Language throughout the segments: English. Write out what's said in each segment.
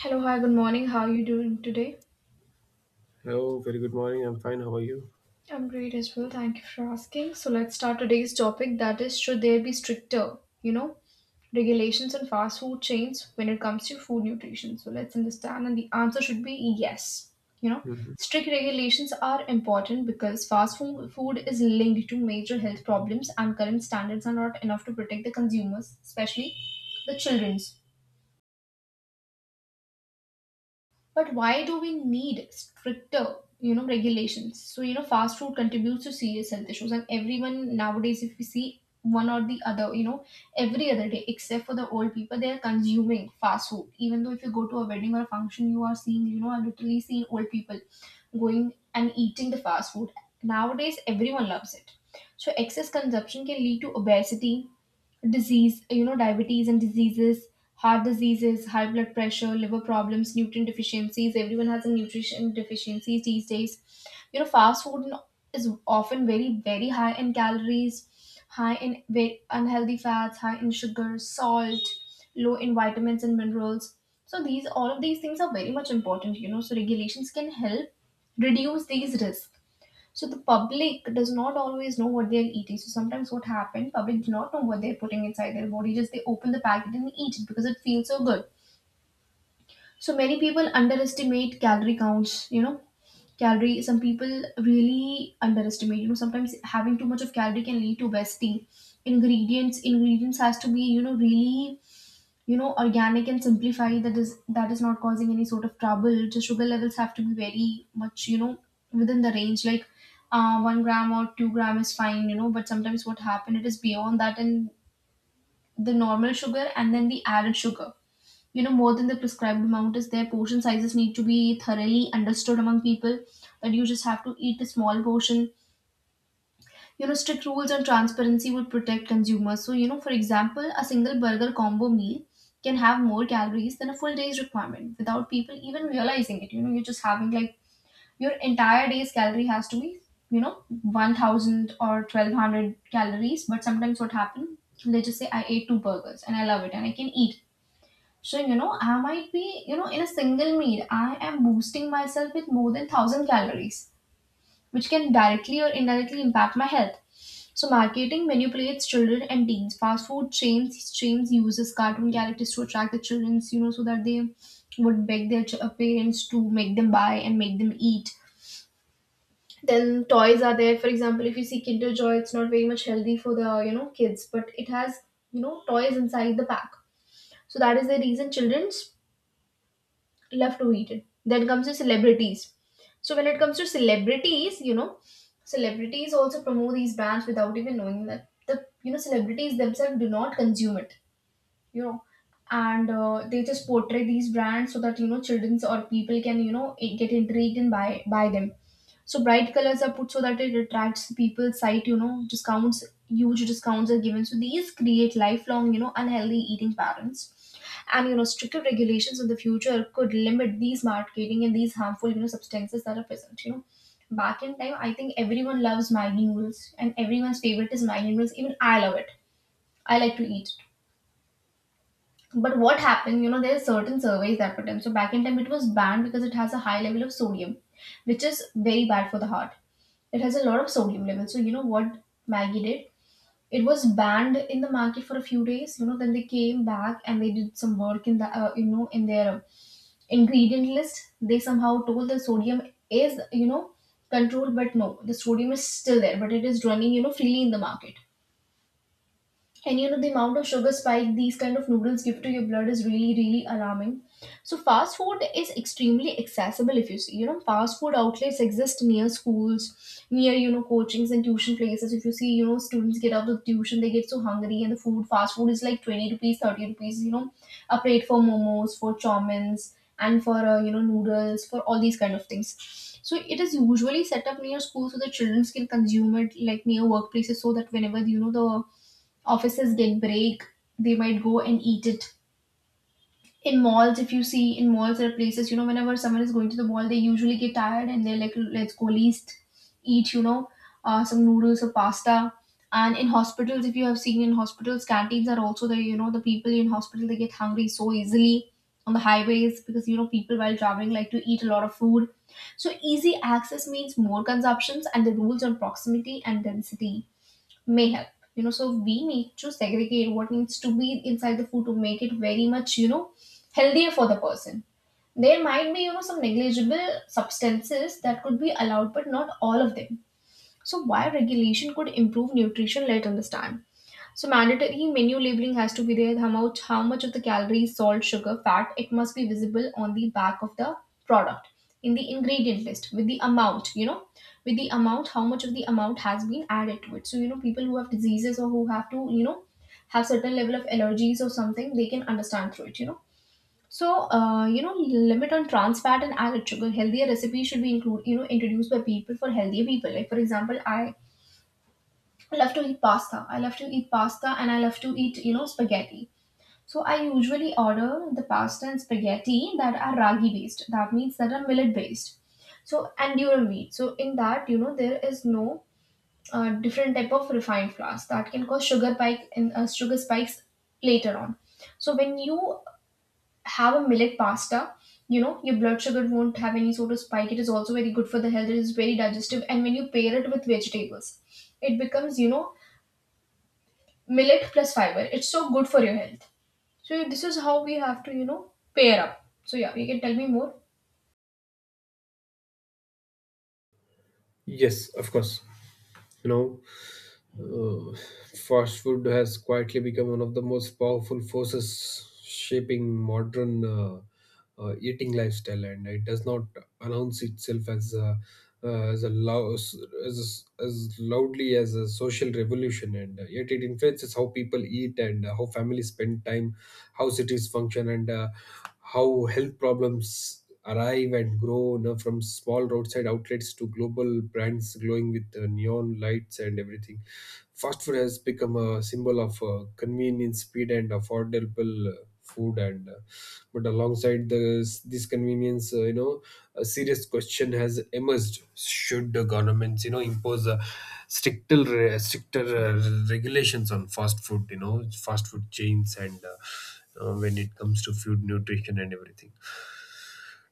Hello, hi, good morning. How are you doing today? Hello, very good morning. I'm fine. How are you? I'm great as well. Thank you for asking. So let's start today's topic that is should there be stricter, you know, regulations on fast food chains when it comes to food nutrition? So let's understand and the answer should be yes. You know, Mhm. Strict regulations are important because fast food is linked to major health problems and current standards are not enough to protect the consumers, especially the children's. But why do we need stricter, regulations? So fast food contributes to serious health issues, and everyone nowadays, if we see one or the other, every other day, except for the old people, they are consuming fast food. Even though if you go to a wedding or a function, you are seeing, I've literally seen old people going and eating the fast food. Nowadays, everyone loves it. So, excess consumption can lead to obesity, disease, diabetes and diseases, heart diseases, high blood pressure, liver problems, nutrient deficiencies. Everyone has a nutrition deficiency these days. Fast food is often very, very high in calories, high in unhealthy fats, high in sugar, salt, low in vitamins and minerals. So these all of these things are very much important. So regulations can help reduce these risks so the public does not always know what they're eating. So sometimes what happened, public do not know what they're putting inside their body. Just they open the packet and eat it because it feels so good. So many people underestimate calorie counts. Calorie. Some people really underestimate. Sometimes having too much of calorie can lead to wasting. Ingredients has to be really organic and simplify that is not causing any sort of trouble. The sugar levels have to be very much within the range like 1 gram or 2 gram is fine, but sometimes what happen it is beyond that, and the normal sugar and then the added sugar more than the prescribed amount is there. Portion sizes need to be thoroughly understood among people that you just have to eat a small portion, strict rules and transparency would protect consumers. So for example a single burger combo meal can have more calories than a full day's requirement without people even realizing it. You're just having like your entire day's calorie has to be you know 1000 or 1200 calories, but sometimes what happens? They just say I ate two burgers and I love it and I can eat. So I might be, in a single meal I am boosting myself with more than 1000 calories which can directly or indirectly impact my health. So marketing manipulates children and teens. Fast food chains uses cartoon characters to attract the childrens, so that they would beg their parents to make them buy and make them eat. Then toys are there. For example, if you see Kinder Joy, it's not very much healthy for the kids, but it has toys inside the pack. So that is the reason childrens love to eat it. Then comes the celebrities. So when it comes to celebrities, celebrities also promote these brands without even knowing that the celebrities themselves do not consume it, you know and they just portray these brands so that childrens or people can get intrigued and buy them. So bright colors are put so that it attracts people's sight, discounts, huge discounts are given. So these create lifelong unhealthy eating patterns, and stricter regulations in the future could limit these marketing and these harmful substances that are present. Back in time, I think everyone loves Maggie noodles and everyone's favorite is Maggie noodles, even I love it. I like to eat. But what happened, there are certain surveys that were done. So back in time, it was banned because it has a high level of sodium, which is very bad for the heart. It has a lot of sodium level. So you know what Maggie did? It was banned in the market for a few days. You know, then they came back and they did some work in the in their ingredient list. They somehow told the sodium is, controlled, but no, the sodium is still there, but it is running, freely in the market, and the amount of sugar spike these kind of noodles give to your blood is really really alarming. So fast food is extremely accessible. If you see, fast food outlets exist near schools, near coachings and tuition places. If you see, students get out of tuition they get so hungry and the food fast food is like 20 rupees 30 rupees, a plate for momos, for chowmins, and for noodles, for all these kind of things. So it is usually set up near schools so the children can consume it, like near workplaces so that whenever the offices get break, they might go and eat it. In malls, if you see in malls, there are places, whenever someone is going to the mall, they usually get tired and they're like, let's go least eat, some noodles or pasta. And in hospitals, if you have seen in hospitals, canteens are also there, the people in hospital, they get hungry so easily, on the highways because, people while traveling like to eat a lot of food. So easy access means more consumptions and the rules on proximity and density may help, so we need to segregate what needs to be inside the food to make it very much healthier for the person. There might be some negligible substances that could be allowed but not all of them. So why regulation could improve nutrition, let's understand. So mandatory menu labeling has to be there. How much of the calories, salt, sugar, fat, it must be visible on the back of the product in the ingredient list with the amount, with the amount, how much of the amount has been added to it. So, you know, people who have diseases or who have to, you know, have certain level of allergies or something, they can understand through it, you know. So, limit on trans fat and added sugar. Healthier recipes should be include, introduced by people for healthier people. Like for example, I love to eat pasta. I love to eat pasta and I love to eat, spaghetti. So I usually order the pasta and spaghetti that are ragi based. That means that are millet based. So and durum wheat. So in that, there is no different type of refined flours that can cause sugar spike and sugar spikes later on. So when you have a millet pasta, your blood sugar won't have any sort of spike. It is also very good for the health. It is very digestive, and when you pair it with vegetables, it becomes millet plus fiber. It's so good for your health. So this is how we have to, pair up. So yeah, you can tell me more. Yes, of course. You know, uh, fast food has quietly become one of the most powerful forces shaping modern eating lifestyle, and it does not announce itself as a lou- as loudly as a social revolution, and yet it influences how people eat and how families spend time, how cities function, and how health problems arrive and grow, from small roadside outlets to global brands glowing with neon lights and everything. Fast food has become a symbol of convenience, speed, and affordable food. And but alongside this convenience, a serious question has emerged: should the governments, impose a stricter regulations on fast food? Fast food chains and when it comes to food nutrition and everything.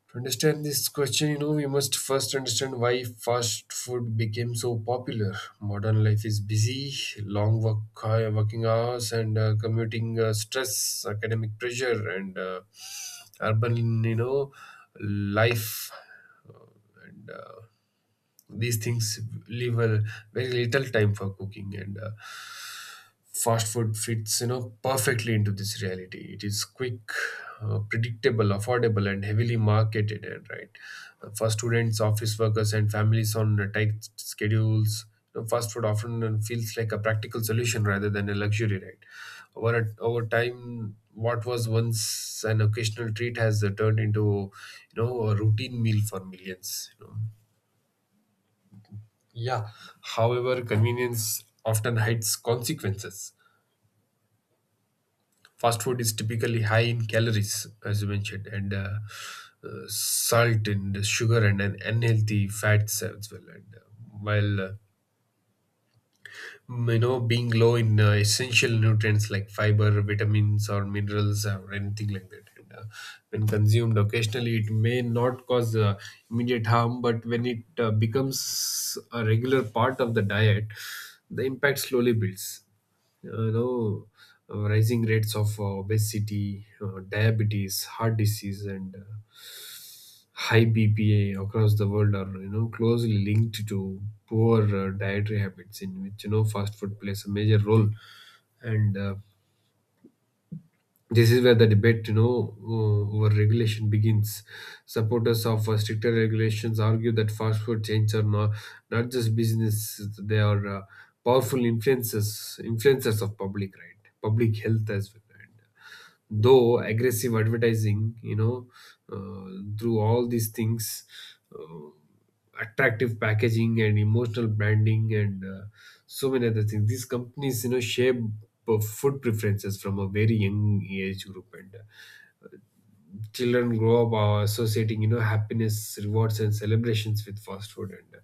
To understand this question, we must first understand why fast food became so popular. Modern life is busy, long work, high working hours, and commuting stress, academic pressure, and urban, life. Uh, and these things leave a very little time for cooking, and fast food fits perfectly into this reality. It is quick, predictable, affordable, and heavily marketed, and right, for students, office workers, and families on tight schedules. Fast food often feels like a practical solution rather than a luxury, right? Over over time, what was once an occasional treat has turned into, a routine meal for millions. Yeah. However, convenience often hides consequences. Fast food is typically high in calories, as you mentioned, and salt and sugar, and unhealthy fats as well. And while being low in essential nutrients like fiber, vitamins, or minerals, or anything like that, when consumed occasionally it may not cause immediate harm, but when it becomes a regular part of the diet, the impact slowly builds. uh, you know Rising rates of obesity, diabetes, heart disease, and high BPA across the world are closely linked to poor dietary habits, in which fast food plays a major role. And this is where the debate, over regulation begins. Supporters of stricter regulations argue that fast food chains are not just business. They are powerful influences influencers of public health as well, right? though aggressive advertising, uh, through all these things, attractive packaging, and emotional branding, and so many other things, these companies, shape food preferences from a very young age group. And uh, children grow up associating, happiness, rewards, and celebrations with fast food. and uh,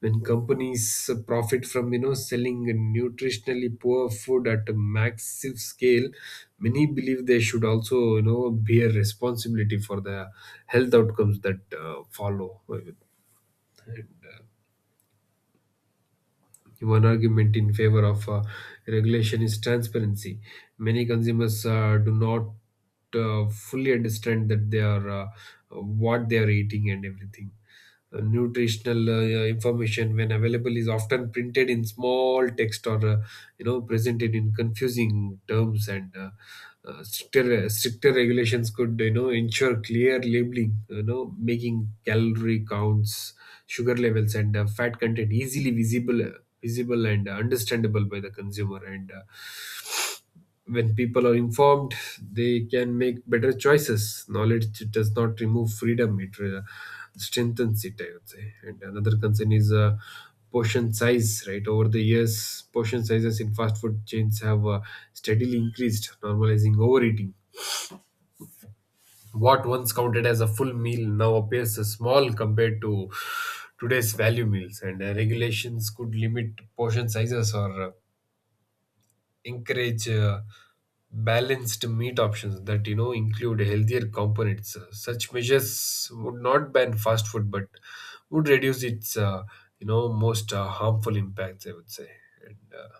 when companies profit from, selling nutritionally poor food at a massive scale, many believe they should also, bear responsibility for the health outcomes that follow. And, uh, one argument in favor of regulation is transparency. Many consumers do not fully understand that they are, what they are eating and everything. Nutritional information, when available, is often printed in small text, or presented in confusing terms. And uh, uh, stricter stricter regulations could, ensure clear labeling, making calorie counts, sugar levels, and fat content easily visible and understandable by the consumer. And uh, when people are informed, they can make better choices. Knowledge does not remove freedom; it strengthens it, I would say. And another concern is, portion size, right? Over the years, portion sizes in fast food chains have steadily increased, normalizing overeating. What once counted as a full meal now appears as small compared to today's value meals. And uh, regulations could limit portion sizes, or encourage balanced meat options that, include healthier components. Such measures would not ban fast food, but would reduce its, most harmful impacts, I would say. And, uh,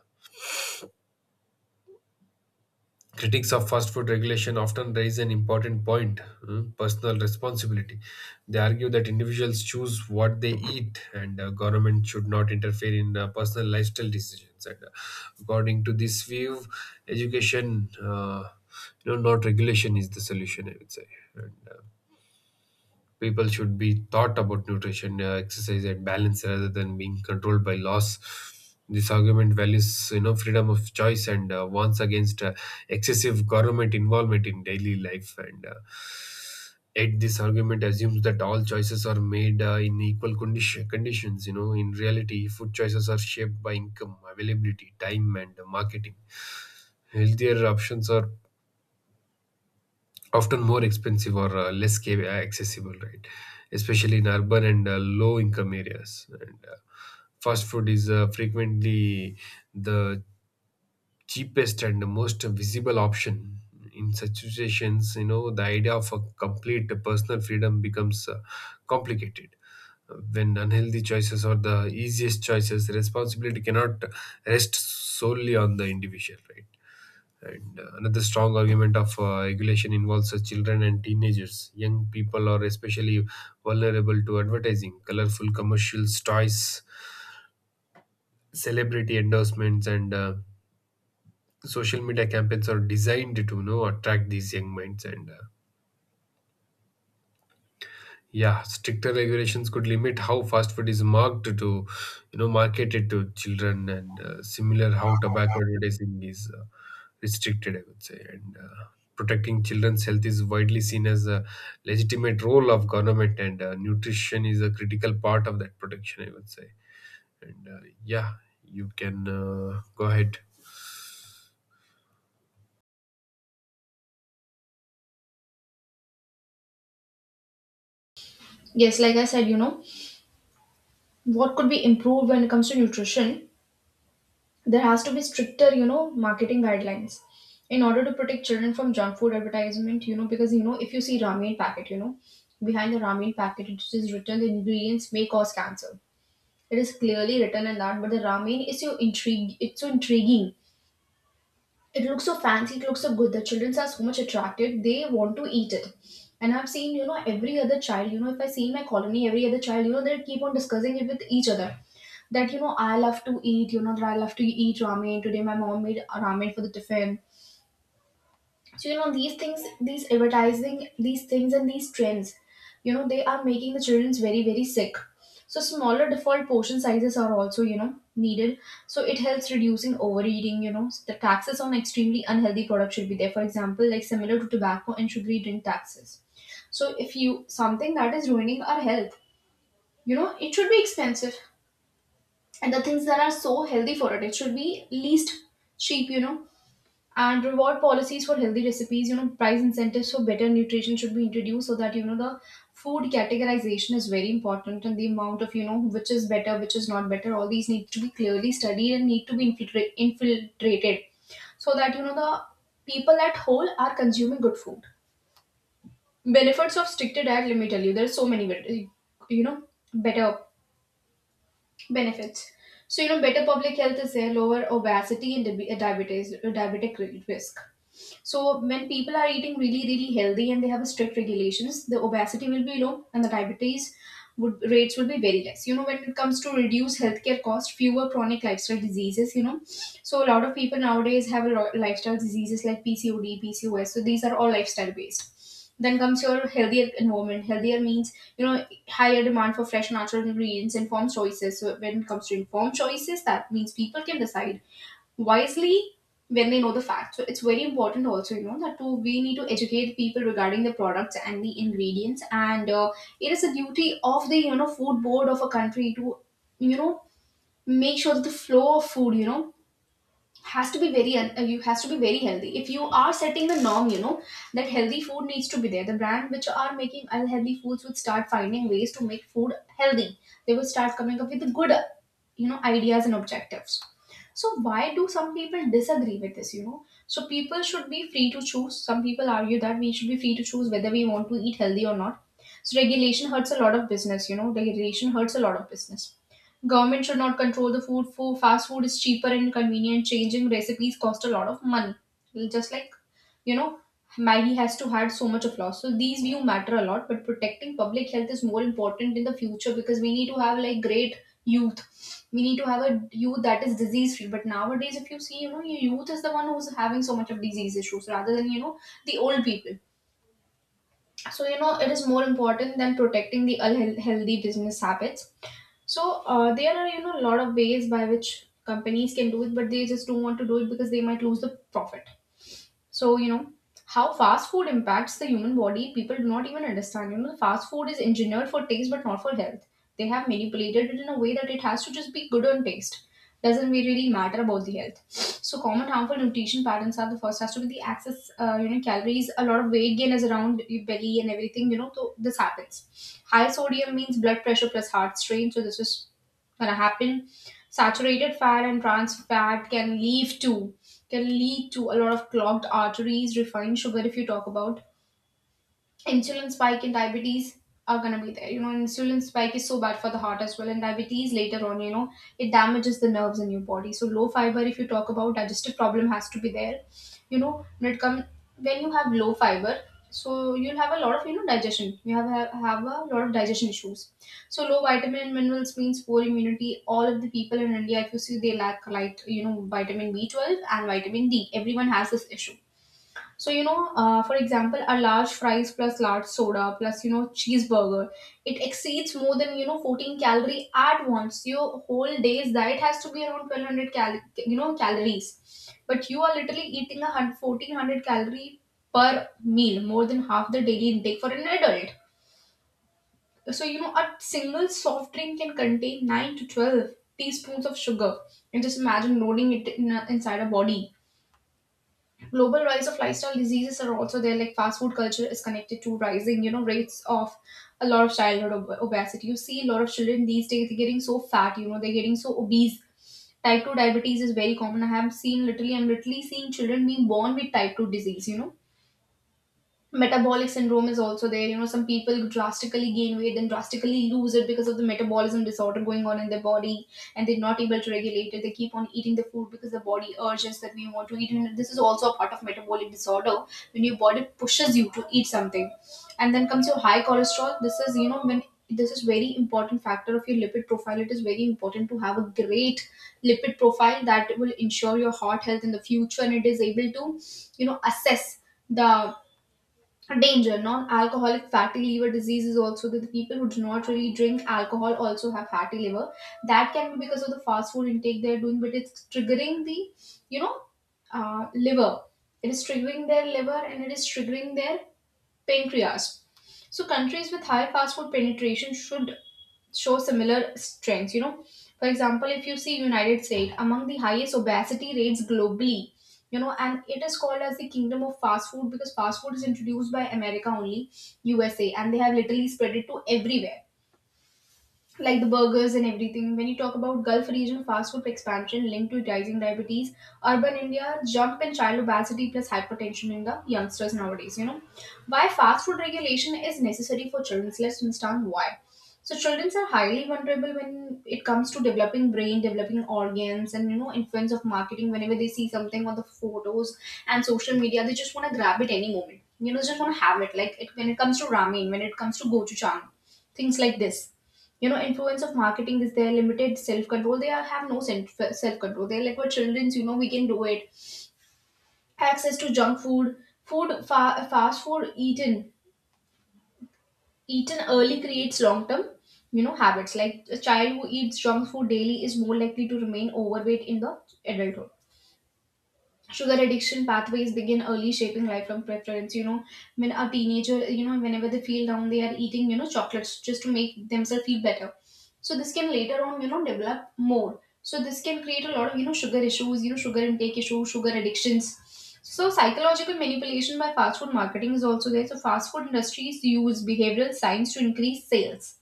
Critics of fast food regulation often raise an important point, personal responsibility. They argue that individuals choose what they eat, and government should not interfere in personal lifestyle decisions. And according to this view, education, not regulation, is the solution, I would say. And people should be taught about nutrition, exercise, and balance, rather than being controlled by laws. This argument values, freedom of choice, and warns against excessive government involvement in daily life. And yet, this argument assumes that all choices are made in equal conditions. In reality, food choices are shaped by income, availability, time, and marketing. Healthier options are often more expensive, or less accessible, right? Especially in urban and low income areas. And fast food is frequently the cheapest and the most visible option. In such situations, the idea of a complete personal freedom becomes complicated. When unhealthy choices are the easiest choices, responsibility cannot rest solely on the individual, right? And another strong argument of regulation involves children and teenagers. Young people are especially vulnerable to advertising, colorful commercials, toys, celebrity endorsements, and social media campaigns are designed to, attract these young minds. And yeah, stricter regulations could limit how fast food is marked to, you know, marketed to children, and similar how tobacco advertising is restricted, I would say. And protecting children's health is widely seen as a legitimate role of government, and nutrition is a critical part of that protection, I would say. And Yeah, you can go ahead. Yes, like I said, what could be improved when it comes to nutrition? There has to be stricter, marketing guidelines in order to protect children from junk food advertisement, because if you see ramen packet, behind the ramen packet it is written the ingredients may cause cancer. It is clearly written in that, but the ramen is so intrigue it's so intriguing, it looks so fancy, it looks so good, the children are so much attracted, they want to eat it. And I've seen, every other child, if I see in my colony every other child, they keep on discussing it with each other that I love to eat, that I love to eat ramen, today my mom made a ramen for the tiffin. So these things, these advertising, these things and these trends, they are making the childrens very very sick. So smaller default portion sizes are also needed. So it helps reducing overeating. You know the taxes on extremely unhealthy products should be there. For example, like similar to tobacco and sugary drink taxes. So if you something that is ruining our health, it should be expensive, and the things that are so healthy for it, it should be least cheap. And reward policies for healthy recipes, price incentives for better nutrition should be introduced so that, the food categorization is very important, and the amount of, which is better, which is not better, all these need to be clearly studied and need to be infiltrated so that, the people at whole are consuming good food. Benefits of stricter diet: let me tell you there are so many you know better benefits. So better public health is there, lower obesity and diabetes diabetic risk. So when people are eating really, really healthy and they have strict regulations, the obesity will be low and the diabetes would rates will be very less. You know, when it comes to reduce healthcare costs, fewer chronic lifestyle diseases. So a lot of people nowadays have a lot lifestyle diseases like PCOD, PCOS. So these are all lifestyle based. Then comes your healthier environment. Healthier means, higher demand for fresh natural ingredients, informed choices. So when it comes to informed choices, that means people can decide wisely when they know the facts. So it's very important also, that to we need to educate people regarding the products and the ingredients, and it is a duty of the food board of a country to you know make sure that the flow of food, has to be very you has to be very healthy. If you are setting the norm, that healthy food needs to be there, the brand which are making unhealthy foods would start finding ways to make food healthy. They will start coming up with the good ideas and objectives. So why do some people disagree with this? People should be free to choose. Some people argue that we should be free to choose whether we want to eat healthy or not. So regulation hurts a lot of business. Regulation hurts a lot of business. Government should not control the food. For fast food is cheaper and convenient. Changing recipes cost a lot of money. Just like, you know, Maggie has to had so much of loss. So these view matter a lot, but protecting public health is more important in the future because we need to have like great youth. We need to have a youth that is disease free. But nowadays, if you see, your youth is the one who's having so much of disease issues rather than, the old people. So you know, it is more important than protecting the unhealthy business habits. So there are, a lot of ways by which companies can do it, but they just don't want to do it because they might lose the profit. So, you know, how fast food impacts the human body, people do not even understand. You know, the fast food is engineered for taste but not for health. They have manipulated it in a way that it has to just be good on taste. Doesn't really matter about the health. So, common harmful nutrition patterns are: the first has to be the excess, calories. A lot of weight gain is around your belly and everything. So this happens. High sodium means blood pressure plus heart strain. So, this is gonna happen. Saturated fat and trans fat can lead to a lot of clogged arteries. Refined sugar, if you talk about, insulin spike and diabetes are going to be there. You know, insulin spike is so bad for the heart as well, and diabetes later on, it damages the nerves in your body. So, low fiber, if you talk about, digestive problem has to be there. You know, when it comes When you have low fiber, so you'll have a lot of, digestion. You have a lot of digestion issues. So low vitamin and minerals means poor immunity. All of the people in India, if you see, they lack light, vitamin B 12 and vitamin D. Everyone has this issue. For example, a large fries plus large soda plus, cheeseburger, it exceeds more than, 14 calorie at once. Your whole day's diet has to be around 1,200 calories. But you are literally eating 1,400 calorie per meal, more than half the daily intake for an adult. A single soft drink can contain 9 to 12 teaspoons of sugar. And just imagine loading it in inside a body. Global rise of lifestyle diseases are also there. Like fast food culture is connected to rising, rates of a lot of childhood obesity. You see a lot of children these days, they're getting so fat, they're getting so obese. Type 2 diabetes is very common. I have seen literally I'm literally seeing children being born with type 2 disease. Metabolic syndrome is also there. Some people drastically gain weight then drastically lose it because of the metabolism disorder going on in their body, and they're not able to regulate it. They keep on eating the food because the body urges that we want to eat, and this is also a part of metabolic disorder when your body pushes you to eat something. And then comes your high cholesterol. This is very important factor of your lipid profile. It is very important to have a great lipid profile. That will ensure your heart health in the future, and it is able to, assess the danger. Non-alcoholic fatty liver disease is also that. The people who do not really drink alcohol also have fatty liver. That can be because of the fast food intake they're doing, but it's triggering the, you know liver. It is triggering their liver, and it is triggering their pancreas. So countries with high fast food penetration should show similar strengths. You know, for example, if you see, United States among the highest obesity rates globally, and it is called as the kingdom of fast food, because fast food is introduced by America only, USA, and they have literally spread it to everywhere, like the burgers and everything. When you talk about Gulf region, fast food expansion linked to rising diabetes, urban India, jump in child obesity plus hypertension in the youngsters nowadays. Why fast food regulation is necessary for children. Let's understand why. So children are highly vulnerable when it comes to developing brain, developing organs, and influence of marketing. Whenever they see something on the photos and social media, they just want to grab it any moment. Just want to have it. Like it, when it comes to ramen, when it comes to gochujang, things like this. Influence of marketing is their limited self control. They have no self control. They're like, we're children's, we can do it. Access to junk food, fast food eaten early creates long term, habits. Like a child who eats junk food daily is more likely to remain overweight in the adulthood. Sugar addiction pathways begin early, shaping lifelong preference. When a teenager, whenever they feel down, they are eating, chocolates just to make themselves feel better. So this can later on, develop more. So this can create a lot of, sugar issues, sugar intake issues, sugar addictions. So psychological manipulation by fast food marketing is also there. So fast food industries use behavioral science to increase sales,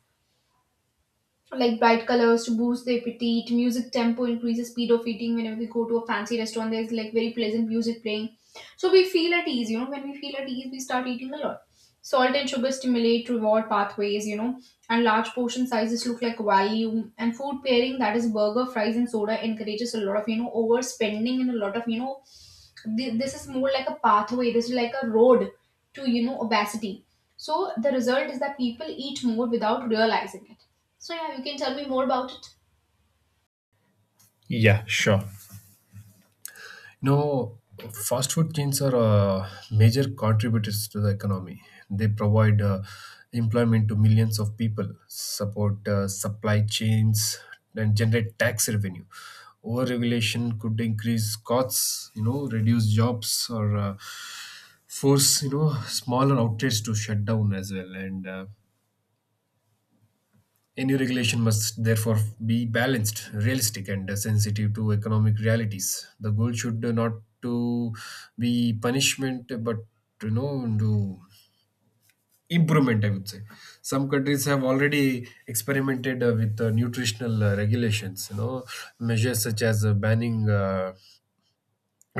like bright colors to boost the appetite. Music tempo increases speed of eating. Whenever we go to a fancy restaurant, there's like very pleasant music playing, so we feel at ease. You know, when we feel at ease, we start eating a lot. Salt and sugar stimulate reward pathways, and large portion sizes look like value. And food pairing, that is burger, fries, and soda, encourages a lot of, overspending and a lot of, this is more like a pathway, this is like a road to, obesity. So the result is that people eat more without realizing it. So, yeah, you can tell me more about it. Yeah, sure. No, fast food chains are major contributors to the economy. They provide employment to millions of people, support supply chains, and generate tax revenue. Over-regulation could increase costs, reduce jobs, or force, smaller outlets to shut down as well. And a new regulation must therefore be balanced, realistic, and sensitive to economic realities. The goal should not to be punishment, but, to improvement, I would say. Some countries have already experimented with nutritional regulations. Measures such as banning,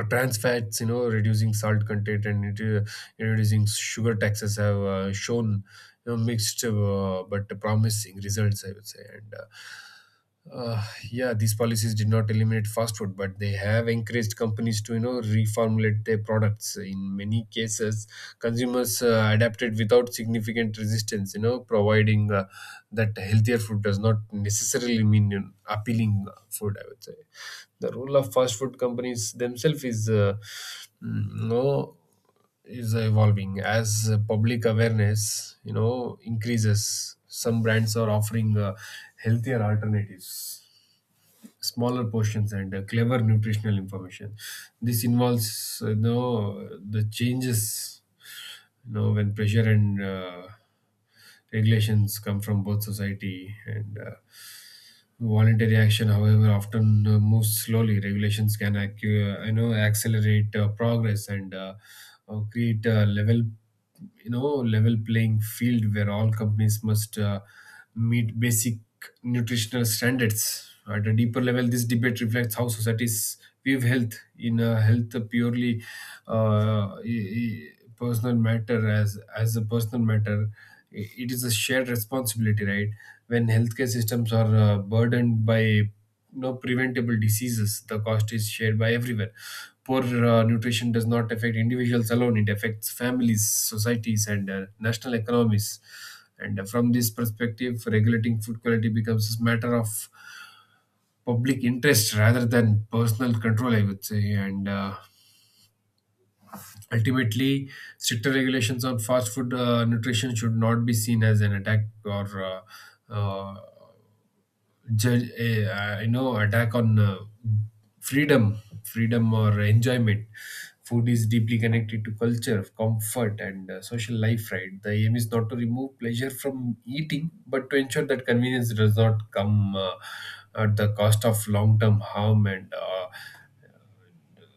trans fats, reducing salt content, and reducing sugar taxes, have shown, mixed but promising results, I would say. And. Uh, yeah, these policies did not eliminate fast food, but they have encouraged companies to, reformulate their products. In many cases, consumers adapted without significant resistance. Providing that healthier food does not necessarily mean, appealing food, I would say. The role of fast food companies themselves mm, you know is evolving, as public awareness, increases. Some brands are offering healthier alternatives, smaller portions, and clever nutritional information. This involves, the changes, when pressure and regulations come from both society and voluntary action. However, often moves slowly. Regulations can, accelerate progress, and create a level you know level playing field, where all companies must meet basic nutritional standards. At a deeper level, this debate reflects how societies view health. In a health purely, uh, e- e- personal matter, as a personal matter, it is a shared responsibility, right? When healthcare systems are burdened by, preventable diseases, the cost is shared by everyone. Poor nutrition does not affect individuals alone; it affects families, societies, and national economies. And From this perspective, regulating food quality becomes a matter of public interest rather than personal control, I would say. And uh, Ultimately, stricter regulations on fast food nutrition should not be seen as an attack, or uh, judge, a, you know attack on freedom, freedom or enjoyment. Food is deeply connected to culture, comfort, and social life. Right, the aim is not to remove pleasure from eating, but to ensure that convenience does not come at the cost of long-term harm, and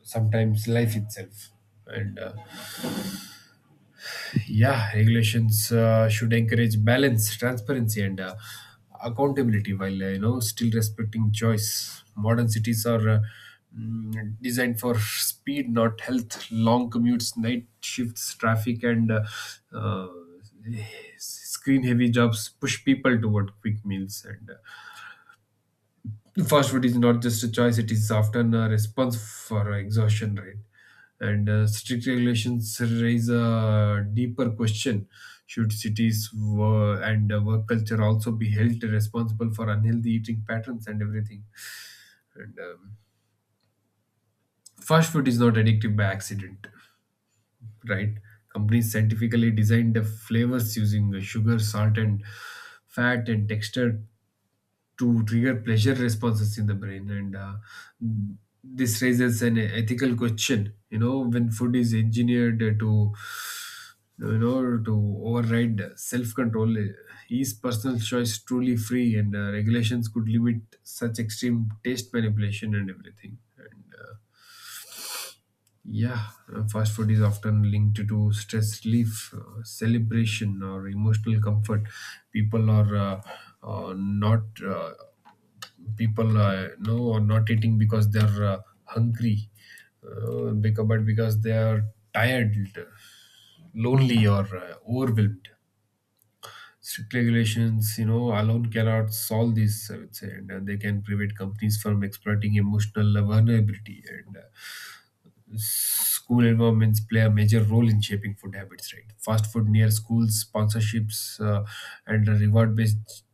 sometimes life itself. And Yeah, regulations should encourage balance, transparency, and accountability, while still respecting choice. Modern cities are designed for speed, not health. Long commutes, night shifts, traffic, and uh, screen-heavy jobs push people toward quick meals and Fast food is not just a choice, it is often a response for exhaustion, right? and Strict regulations raise a deeper question: should cities wo- and work culture also be held responsible for unhealthy eating patterns and everything? And Fast food is not addictive by accident, right? Companies scientifically designed the flavors using sugar, salt, and fat, and texture to trigger pleasure responses in the brain. And This raises an ethical question when food is engineered to you know to override self control, is personal choice truly free? And Regulations could limit such extreme taste manipulation and everything, right? Yeah, fast food is often linked to stress relief, celebration, or emotional comfort. People are not people no are not eating because they're hungry, but because they are tired, lonely, or overwhelmed. Strict regulations, you know, alone cannot solve this, I would say, and they can prevent companies from exploiting emotional vulnerability and. School environments play a major role in shaping food habits, right? Fast food near schools, sponsorships, and reward based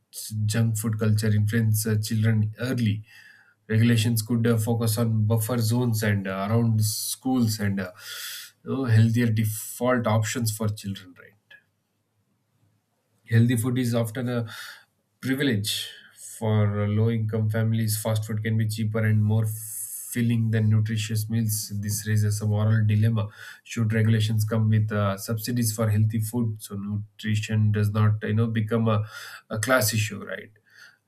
junk food culture influence children early. Regulations could focus on buffer zones and around schools, and you know, healthier default options for children, right? Healthy food is often a privilege for low income families. Fast food can be cheaper and more filling than nutritious meals. This raises a moral dilemma. Should regulations come with subsidies for healthy food so nutrition does not, you know, become a class issue, right?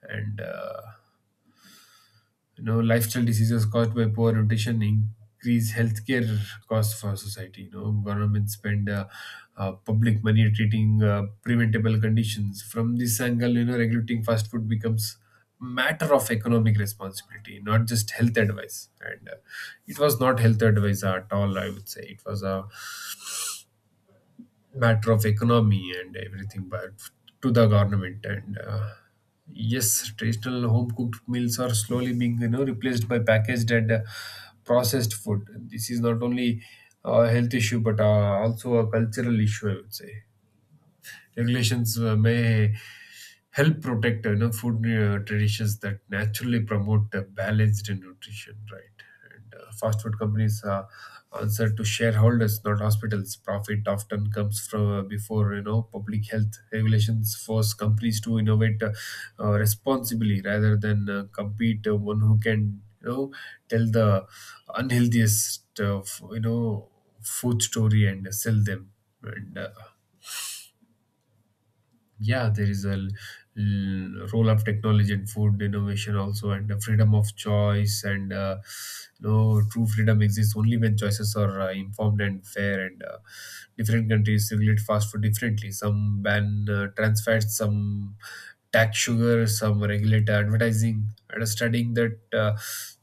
And You know, lifestyle diseases caused by poor nutrition increase healthcare costs for society. You know, government spend public money treating preventable conditions. From this angle, you know, regulating fast food becomes matter of economic responsibility, not just health advice. And It was not health advice at all, I would say. It was a matter of economy and everything, but to the government. And Yes, traditional home cooked meals are slowly being, you know, replaced by packaged and processed food. This is not only a health issue but also a cultural issue, I would say. Regulations may help protect, you know, food traditions that naturally promote balanced nutrition, right? and Fast food companies answer to shareholders, not hospitals. Profit often comes from before, you know, public health. Regulations force companies to innovate responsibly rather than compete one who can, you know, tell the unhealthiest you know, food story and sell them. And Yeah, there is a role of technology and food innovation also, and the freedom of choice. And You know, true freedom exists only when choices are informed and fair. And Different countries regulate fast food differently. Some ban trans fats, some tax sugar, some regulate advertising. Understanding that,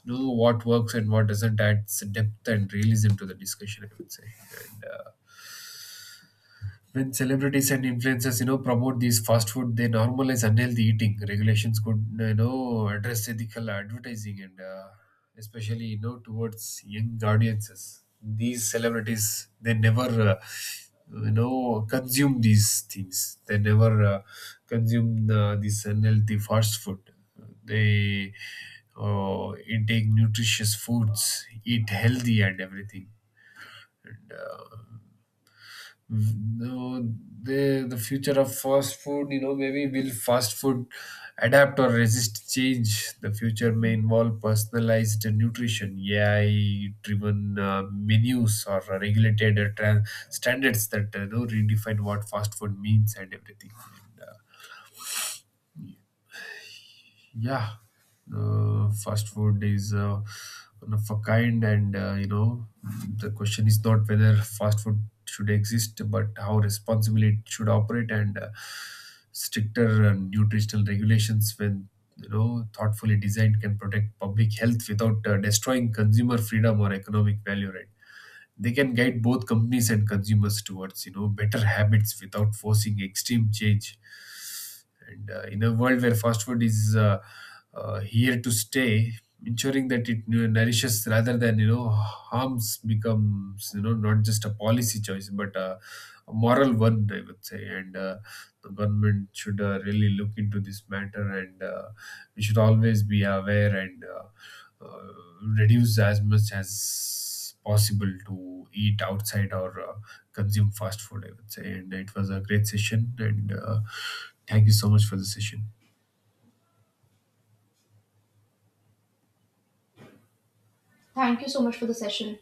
you know, what works and what doesn't adds depth and realism to the discussion, I would say. And When celebrities and influencers, you know, promote these fast food, they normalize unhealthy eating. Regulations could, you know, address ethical advertising, and especially, you know, towards young audiences. These celebrities, they never, you know, consume these things. They never consume this unhealthy fast food. They intake nutritious foods, eat healthy and everything. No, the future of fast food, you know, maybe will fast food adapt or resist change? The future may involve personalized nutrition, AI-driven menus, or regulated standards that, you know, redefine what fast food means and everything. Yeah. Yeah, fast food is one of a kind, and you know, the question is not whether fast food should exist, but how responsibly it should operate, and stricter nutritional regulations, when you know thoughtfully designed, can protect public health without destroying consumer freedom or economic value. Right, they can guide both companies and consumers towards, you know, better habits without forcing extreme change. And In a world where fast food is here to stay, ensuring that it, you know, nourishes rather than, you know, harms becomes, you know, not just a policy choice but a moral one, I would say. And The government should really look into this matter, and we should always be aware and uh, reduce as much as possible to eat outside or consume fast food, I would say. And it was a great session, and thank you so much for the session. Thank you so much for the session.